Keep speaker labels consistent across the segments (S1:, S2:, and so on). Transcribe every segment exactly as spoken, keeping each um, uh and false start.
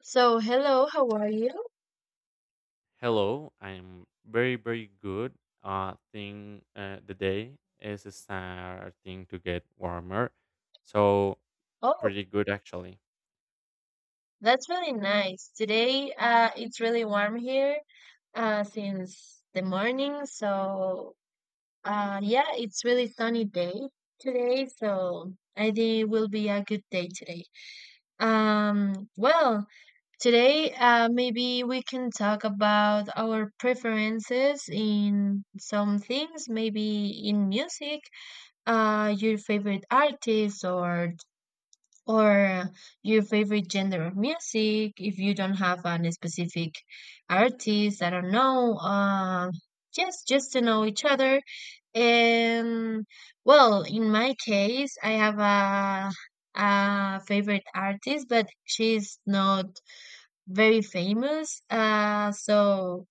S1: So, hello, how are you?
S2: Hello, I'm very, very good. Uh, thing uh, The day is starting to get warmer, so
S1: Oh,
S2: pretty good actually.
S1: that's really nice. Today, uh, it's really warm here, uh, since the morning. So, uh, yeah, it's really sunny day today. So, I think it will be a good day today. Um, well, today, uh, maybe we can talk about our preferences in some things, maybe in music, uh, your favorite artists or Or your favorite genre of music, if you don't have a specific artist, I don't know. Uh, just just to know each other. And well, in my case, I have a a favorite artist, but she's not very famous. Uh, so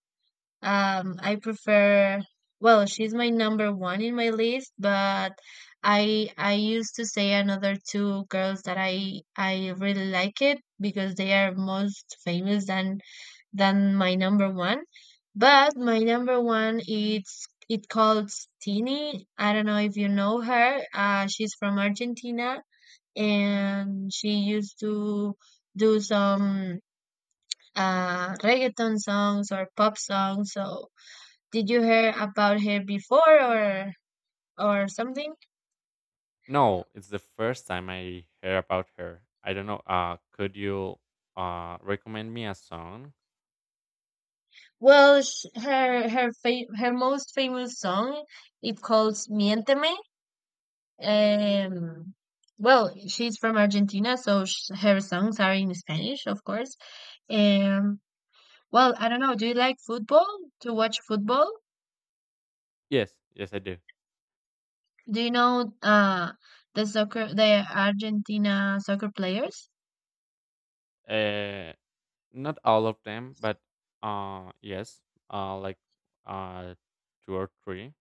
S1: um, I prefer, well, she's my number one in my list, but I I used to say another two girls that I I really like it because they are most famous than than my number one. But my number one it's it called Tini. I don't know if you know her. Uh, she's from Argentina and she used to do some uh reggaeton songs or pop songs. So did you hear about her before or or something?
S2: No, it's the first time I hear about her. I don't know. Uh, could you uh recommend me a song?
S1: Well, sh her her fa her most famous song it calls Miénteme. Um, well, she's from Argentina, so sh her songs are in Spanish, of course. Um, well, I don't know. Do you like football? To watch football?
S2: Yes, yes, I do.
S1: Do you know uh the soccer the Argentina soccer players?
S2: Uh, Not all of them, but uh, yes, uh, like uh, two or three.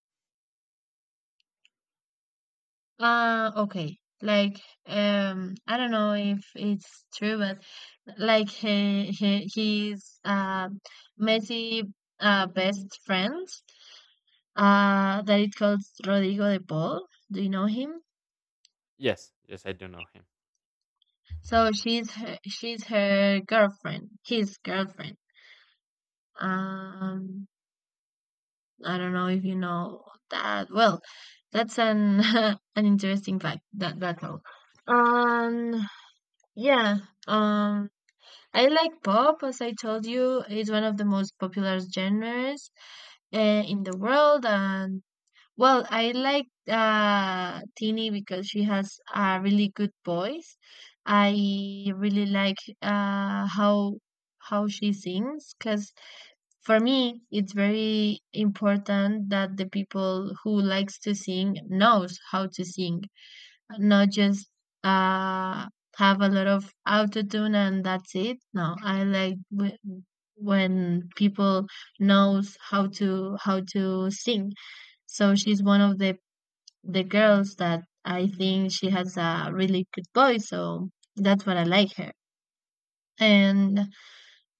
S1: Uh, okay. Like, um, I don't know if it's true, but like he, he his uh, Messi uh, best friend uh, that it calls Rodrigo de Paul. Do you know him?
S2: Yes, yes, I do know him.
S1: So she's her, she's her girlfriend, his girlfriend. Um, I don't know if you know that. Well, that's an an interesting fact that battle. Um, yeah. Um, I like pop, as I told you. It's one of the most popular genres uh, in the world. And well, I like uh, Tini because she has a really good voice. I really like uh, how how she sings because for me it's very important that the people who likes to sing knows how to sing not just uh have a lot of auto tune and that's it. No, I like w- when people knows how to how to sing. So she's one of the the girls that I think she has a really good voice. So that's what I like her. And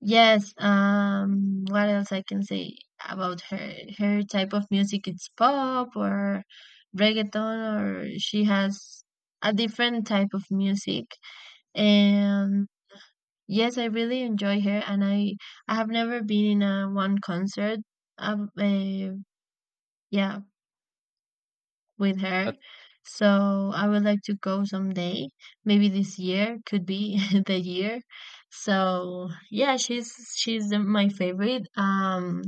S1: yes, um, what else I can say about her? Her type of music it's pop or reggaeton or she has a different type of music. And yes, I really enjoy her and I I have never been in a one concert um, uh, yeah, with her.
S2: That's
S1: So I would like to go someday. Maybe this year could be the year. So yeah, she's she's the, my favorite. Um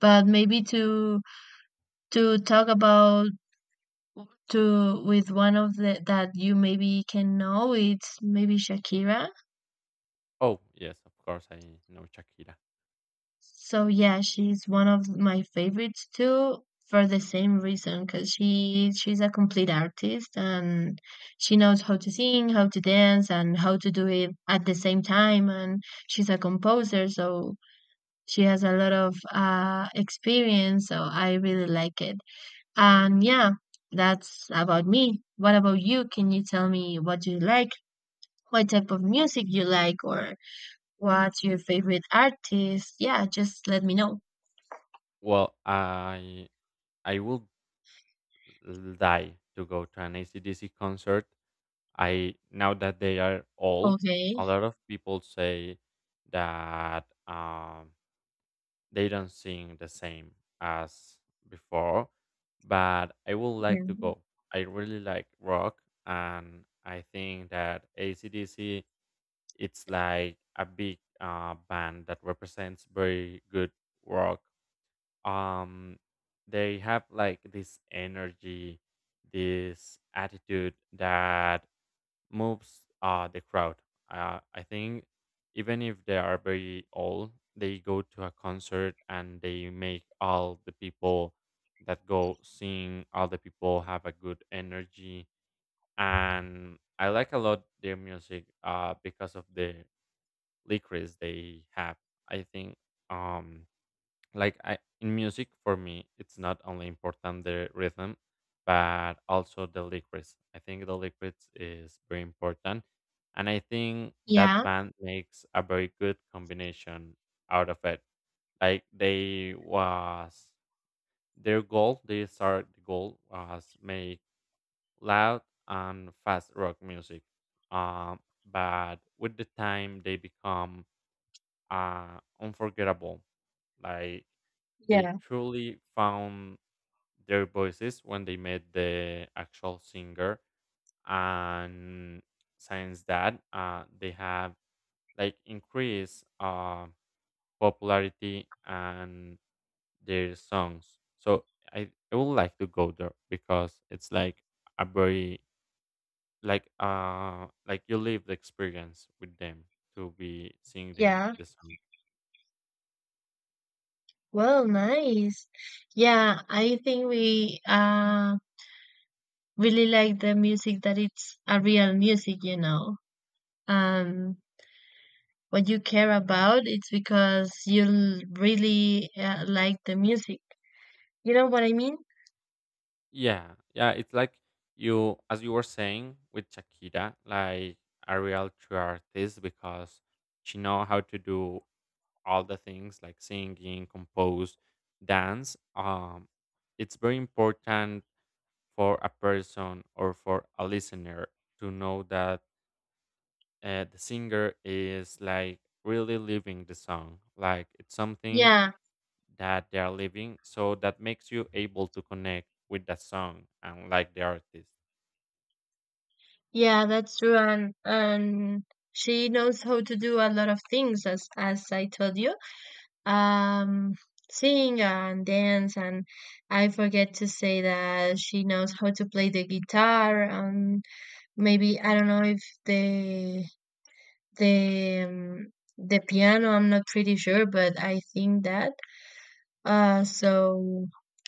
S1: But maybe to to talk about to with one of the that you maybe can know it's maybe Shakira.
S2: oh yes, of course I know Shakira.
S1: So yeah, she's one of my favorites too for the same reason because she she's a complete artist and she knows how to sing, how to dance, and how to do it at the same time. And she's a composer, so she has a lot of uh, experience. So I really like it. And yeah, that's about me. What about you? Can you tell me what you like? What type of music you like or what's your favorite artist? Yeah, just let me know.
S2: Well, I I would die to go to an A C D C concert. I now that they are old,
S1: Okay.
S2: a lot of people say that um, they don't sing the same as before, but I would like
S1: Yeah.
S2: to go. I really like rock, and I think that A C D C it's like a big uh, band that represents very good rock, um they have like this energy, this attitude that moves uh the crowd, uh, I think even if they are very old they go to a concert and they make all the people that go sing, all the people have a good energy, and I like a lot their music uh because of the lyrics they have, I think, um like I, in music for me it's not only important the rhythm but also the lyrics, I think the lyrics is very important, and I think that
S1: Yeah.
S2: band makes a very good combination out of it. Like they was, their goal, they start, the goal was make loud and fast rock music, um but with the time they become uh, unforgettable. Like they
S1: Yeah.
S2: truly found their voices when they met the actual singer, and since that, uh, they have like increased uh, popularity and their songs. So I, I would like to go there because it's like a very, like, uh, like you live the experience with them to be singing
S1: Yeah.
S2: the song.
S1: Well, nice. Yeah, I think we uh really like the music that it's a real music, you know. Um what you care about it's because you l- really uh, like the music. You know what I mean?
S2: Yeah, yeah, it's like you, as you were saying with Shakira, like a real true artist because she know how to do all the things like singing, compose, dance. Um, it's very important for a person or for a listener to know that, uh, the singer is like really living the song. Like it's something
S1: Yeah.
S2: that they are living, so that makes you able to connect with the song and like the artist.
S1: Yeah, that's true. And and she knows how to do a lot of things as as I told you. Um, Sing and dance and I forget to say that she knows how to play the guitar and maybe I don't know if the the um, the piano, I'm not pretty sure, but I think that. Uh, so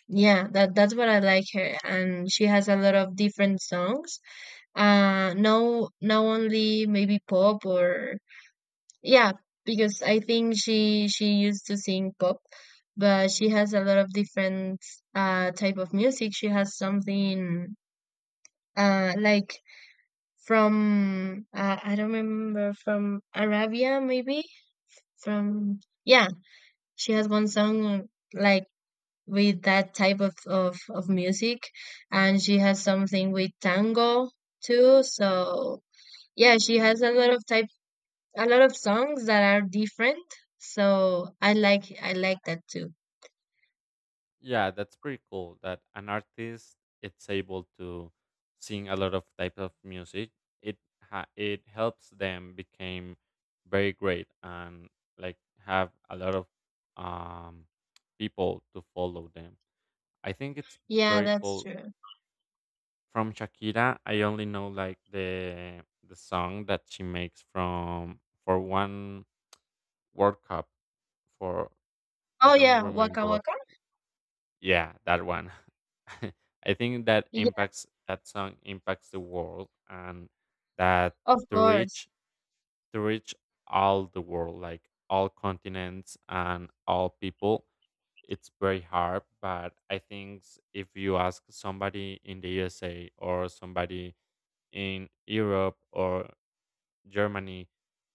S1: yeah, that that's what I like her, and she has a lot of different songs. Uh, no, not only maybe pop or yeah, because I think she she used to sing pop, but she has a lot of different uh type of music. She has something uh like from uh, I don't remember from Arabia maybe from yeah, she has one song like with that type of, of, of music and she has something with tango too so yeah she has a lot of type a lot of songs that are different so i like i like that too.
S2: Yeah, that's pretty cool that an artist it's able to sing a lot of types of music. It ha- it helps them become very great and like have a lot of, um people to follow them. I think it's
S1: Yeah,
S2: very
S1: that's
S2: cool.
S1: true.
S2: From Shakira, I only know like the the song that she makes from for one World Cup for, I
S1: Oh
S2: don't
S1: yeah, waka
S2: remember what.
S1: waka.
S2: Yeah, that one. I think that
S1: Yeah,
S2: impacts, that song impacts the world and that,
S1: of
S2: to
S1: course.
S2: reach, to reach all the world, like all continents and all people, it's very hard. But I think, s- if you ask somebody in the U S A or somebody in Europe or Germany,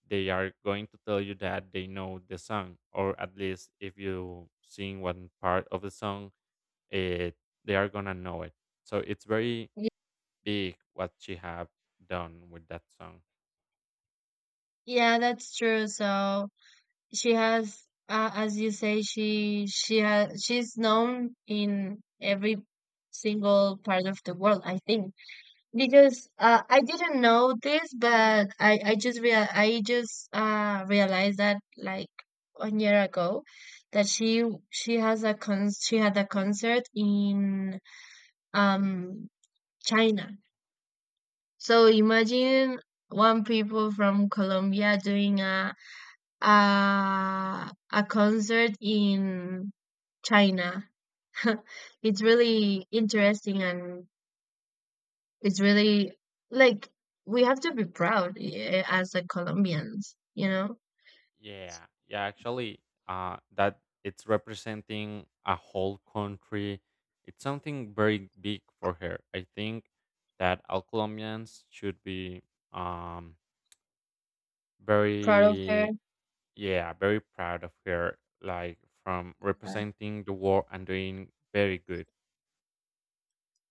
S2: they are going to tell you that they know the song, or at least if you sing one part of the song, it, they are gonna know it. So it's very
S1: Ye-
S2: big what she have done with that song.
S1: yeah, that's true so she has uh, as you say she she has she's known in every single part of the world I think. Because uh, I didn't know this, but I I just real I just uh realized that like one year ago that she she has a con she had a concert in um China. So imagine one people from Colombia doing a a a concert in China. It's really interesting and. It's really like we have to be proud eh, as a Colombians, you know,
S2: Yeah, yeah. Actually, uh, that it's representing a whole country. It's something very big for her. I think that all Colombians should be, um
S1: Proud of her.
S2: very, yeah, very proud of her, like from representing the war and doing very good.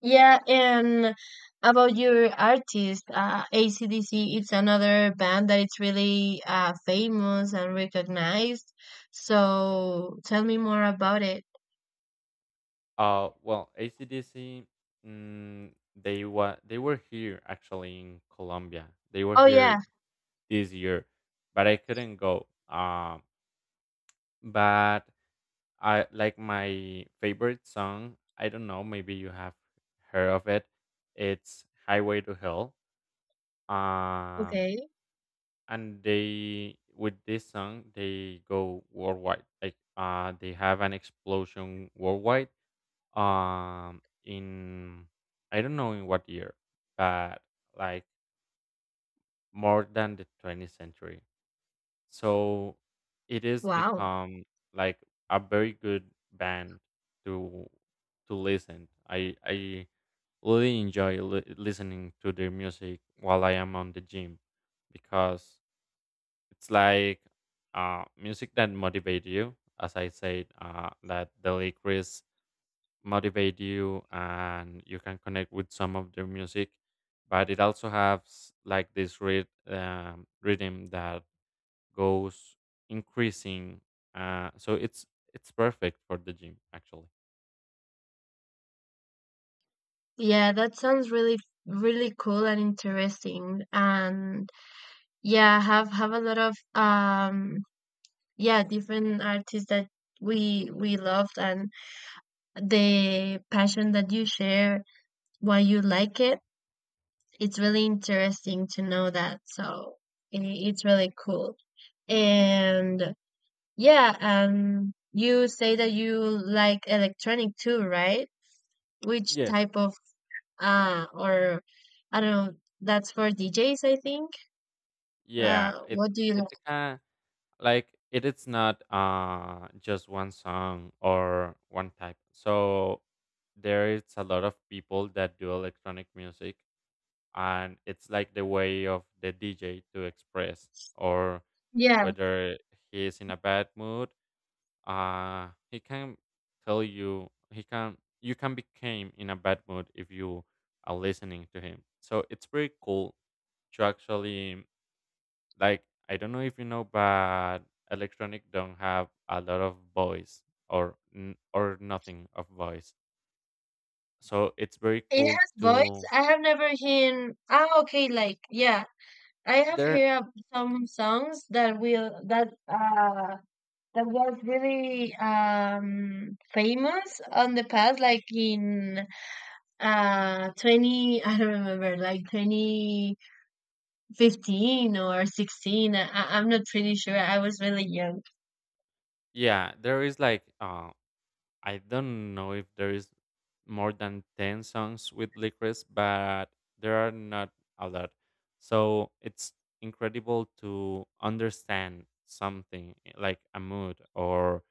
S1: Yeah, and about your artist, uh, A C D C, it's another band that it's really uh, famous and recognized. So tell me more about it.
S2: Uh, well, A C D C, mm, they wa they were here actually in Colombia. They were
S1: Oh yeah,
S2: here this year, but I couldn't go. Um, but I, like my favorite song, I don't know, maybe you have heard of it. It's "Highway to Hell." Um,
S1: okay.
S2: and they with this song they go worldwide. Like, uh, they have an explosion worldwide, um in, I don't know in what year, but like more than the twentieth century. So it is
S1: Wow.
S2: become like a very good band to to listen. I i really enjoy li- listening to their music while I am on the gym because it's like, uh music that motivate you, as I said, uh that the lyrics motivate you and you can connect with some of their music, but it also has like this rhyth- um, rhythm that goes increasing, uh, so it's it's perfect for the gym actually.
S1: Yeah, that sounds really really cool and interesting. And yeah, have have a lot of um yeah different artists that we we loved and the passion that you share why you like it it's really interesting to know that so I it's really cool and yeah um you say that you like electronic too, right? Which
S2: Yes.
S1: type of uh or I don't know, that's for D Js I think. Uh
S2: Yeah, it
S1: what do you
S2: it
S1: like?
S2: kind, like it is not uh just one song or one type, so there is a lot of people that do electronic music, and it's like the way of the D J to express, or
S1: Yeah,
S2: whether he is in a bad mood, uh he can tell you, he can, you can become in a bad mood if you are listening to him, so it's pretty cool to actually, like, I don't know if you know, but electronic don't have a lot of voice, or n- or nothing of voice, so it's very
S1: it
S2: cool
S1: has voice,
S2: to
S1: I have never heard, ah okay, like yeah, I have
S2: there.
S1: heard some songs that will that uh that was really um famous on the past, like in uh twenty I don't remember, like twenty fifteen or sixteen. I, I- I'm not pretty sure. I was really young.
S2: Yeah, there is like, uh I don't know if there is more than ten songs with Licorice, but there are not a lot. So it's incredible to understand something, eh, like a mood or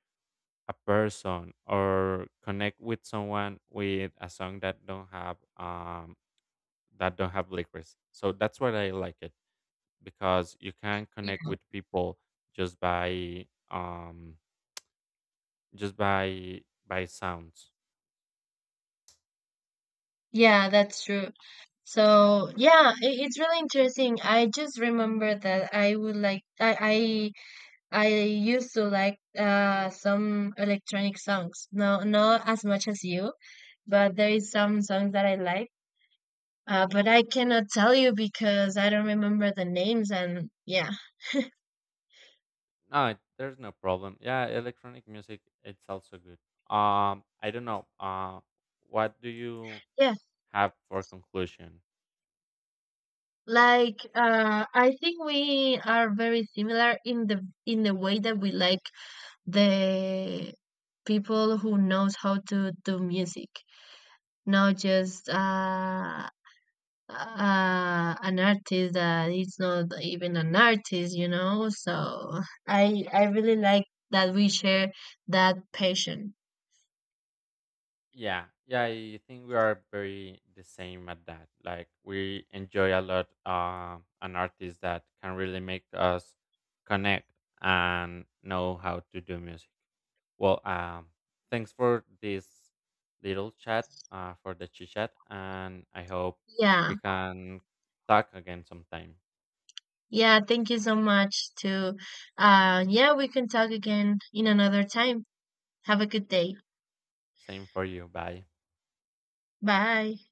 S2: a person, or connect with someone with a song that don't have, um that don't have Licorice. So that's why I like it, because you can
S1: Yeah,
S2: connect with people just by, um just by by sounds.
S1: yeah, that's true. So yeah, it, it's really interesting. I just remember that I would like I I used to like uh, some electronic songs. No, not as much as you, but there is some songs that I like. Uh, but I cannot tell you because I don't remember the names. And yeah,
S2: No, there's no problem. Yeah, electronic music, it's also good. Um, I don't know. Uh, what do you
S1: yeah.
S2: have for conclusion?
S1: Like uh, I think we are very similar in the in the way that we like the people who knows how to do music, not just uh, uh, an artist that is not even an artist, you know. So I I really like that we share that passion.
S2: Yeah, yeah, I think we are very the same at that. Like we enjoy a lot, uh, an artist that can really make us connect and know how to do music. Well, um, thanks for this little chat, uh, for the chit chat, and I hope
S1: Yeah,
S2: we can talk again sometime.
S1: yeah. Thank you so much. To uh, Yeah, we can talk again in another time. Have a good day.
S2: Same for you. Bye.
S1: Bye.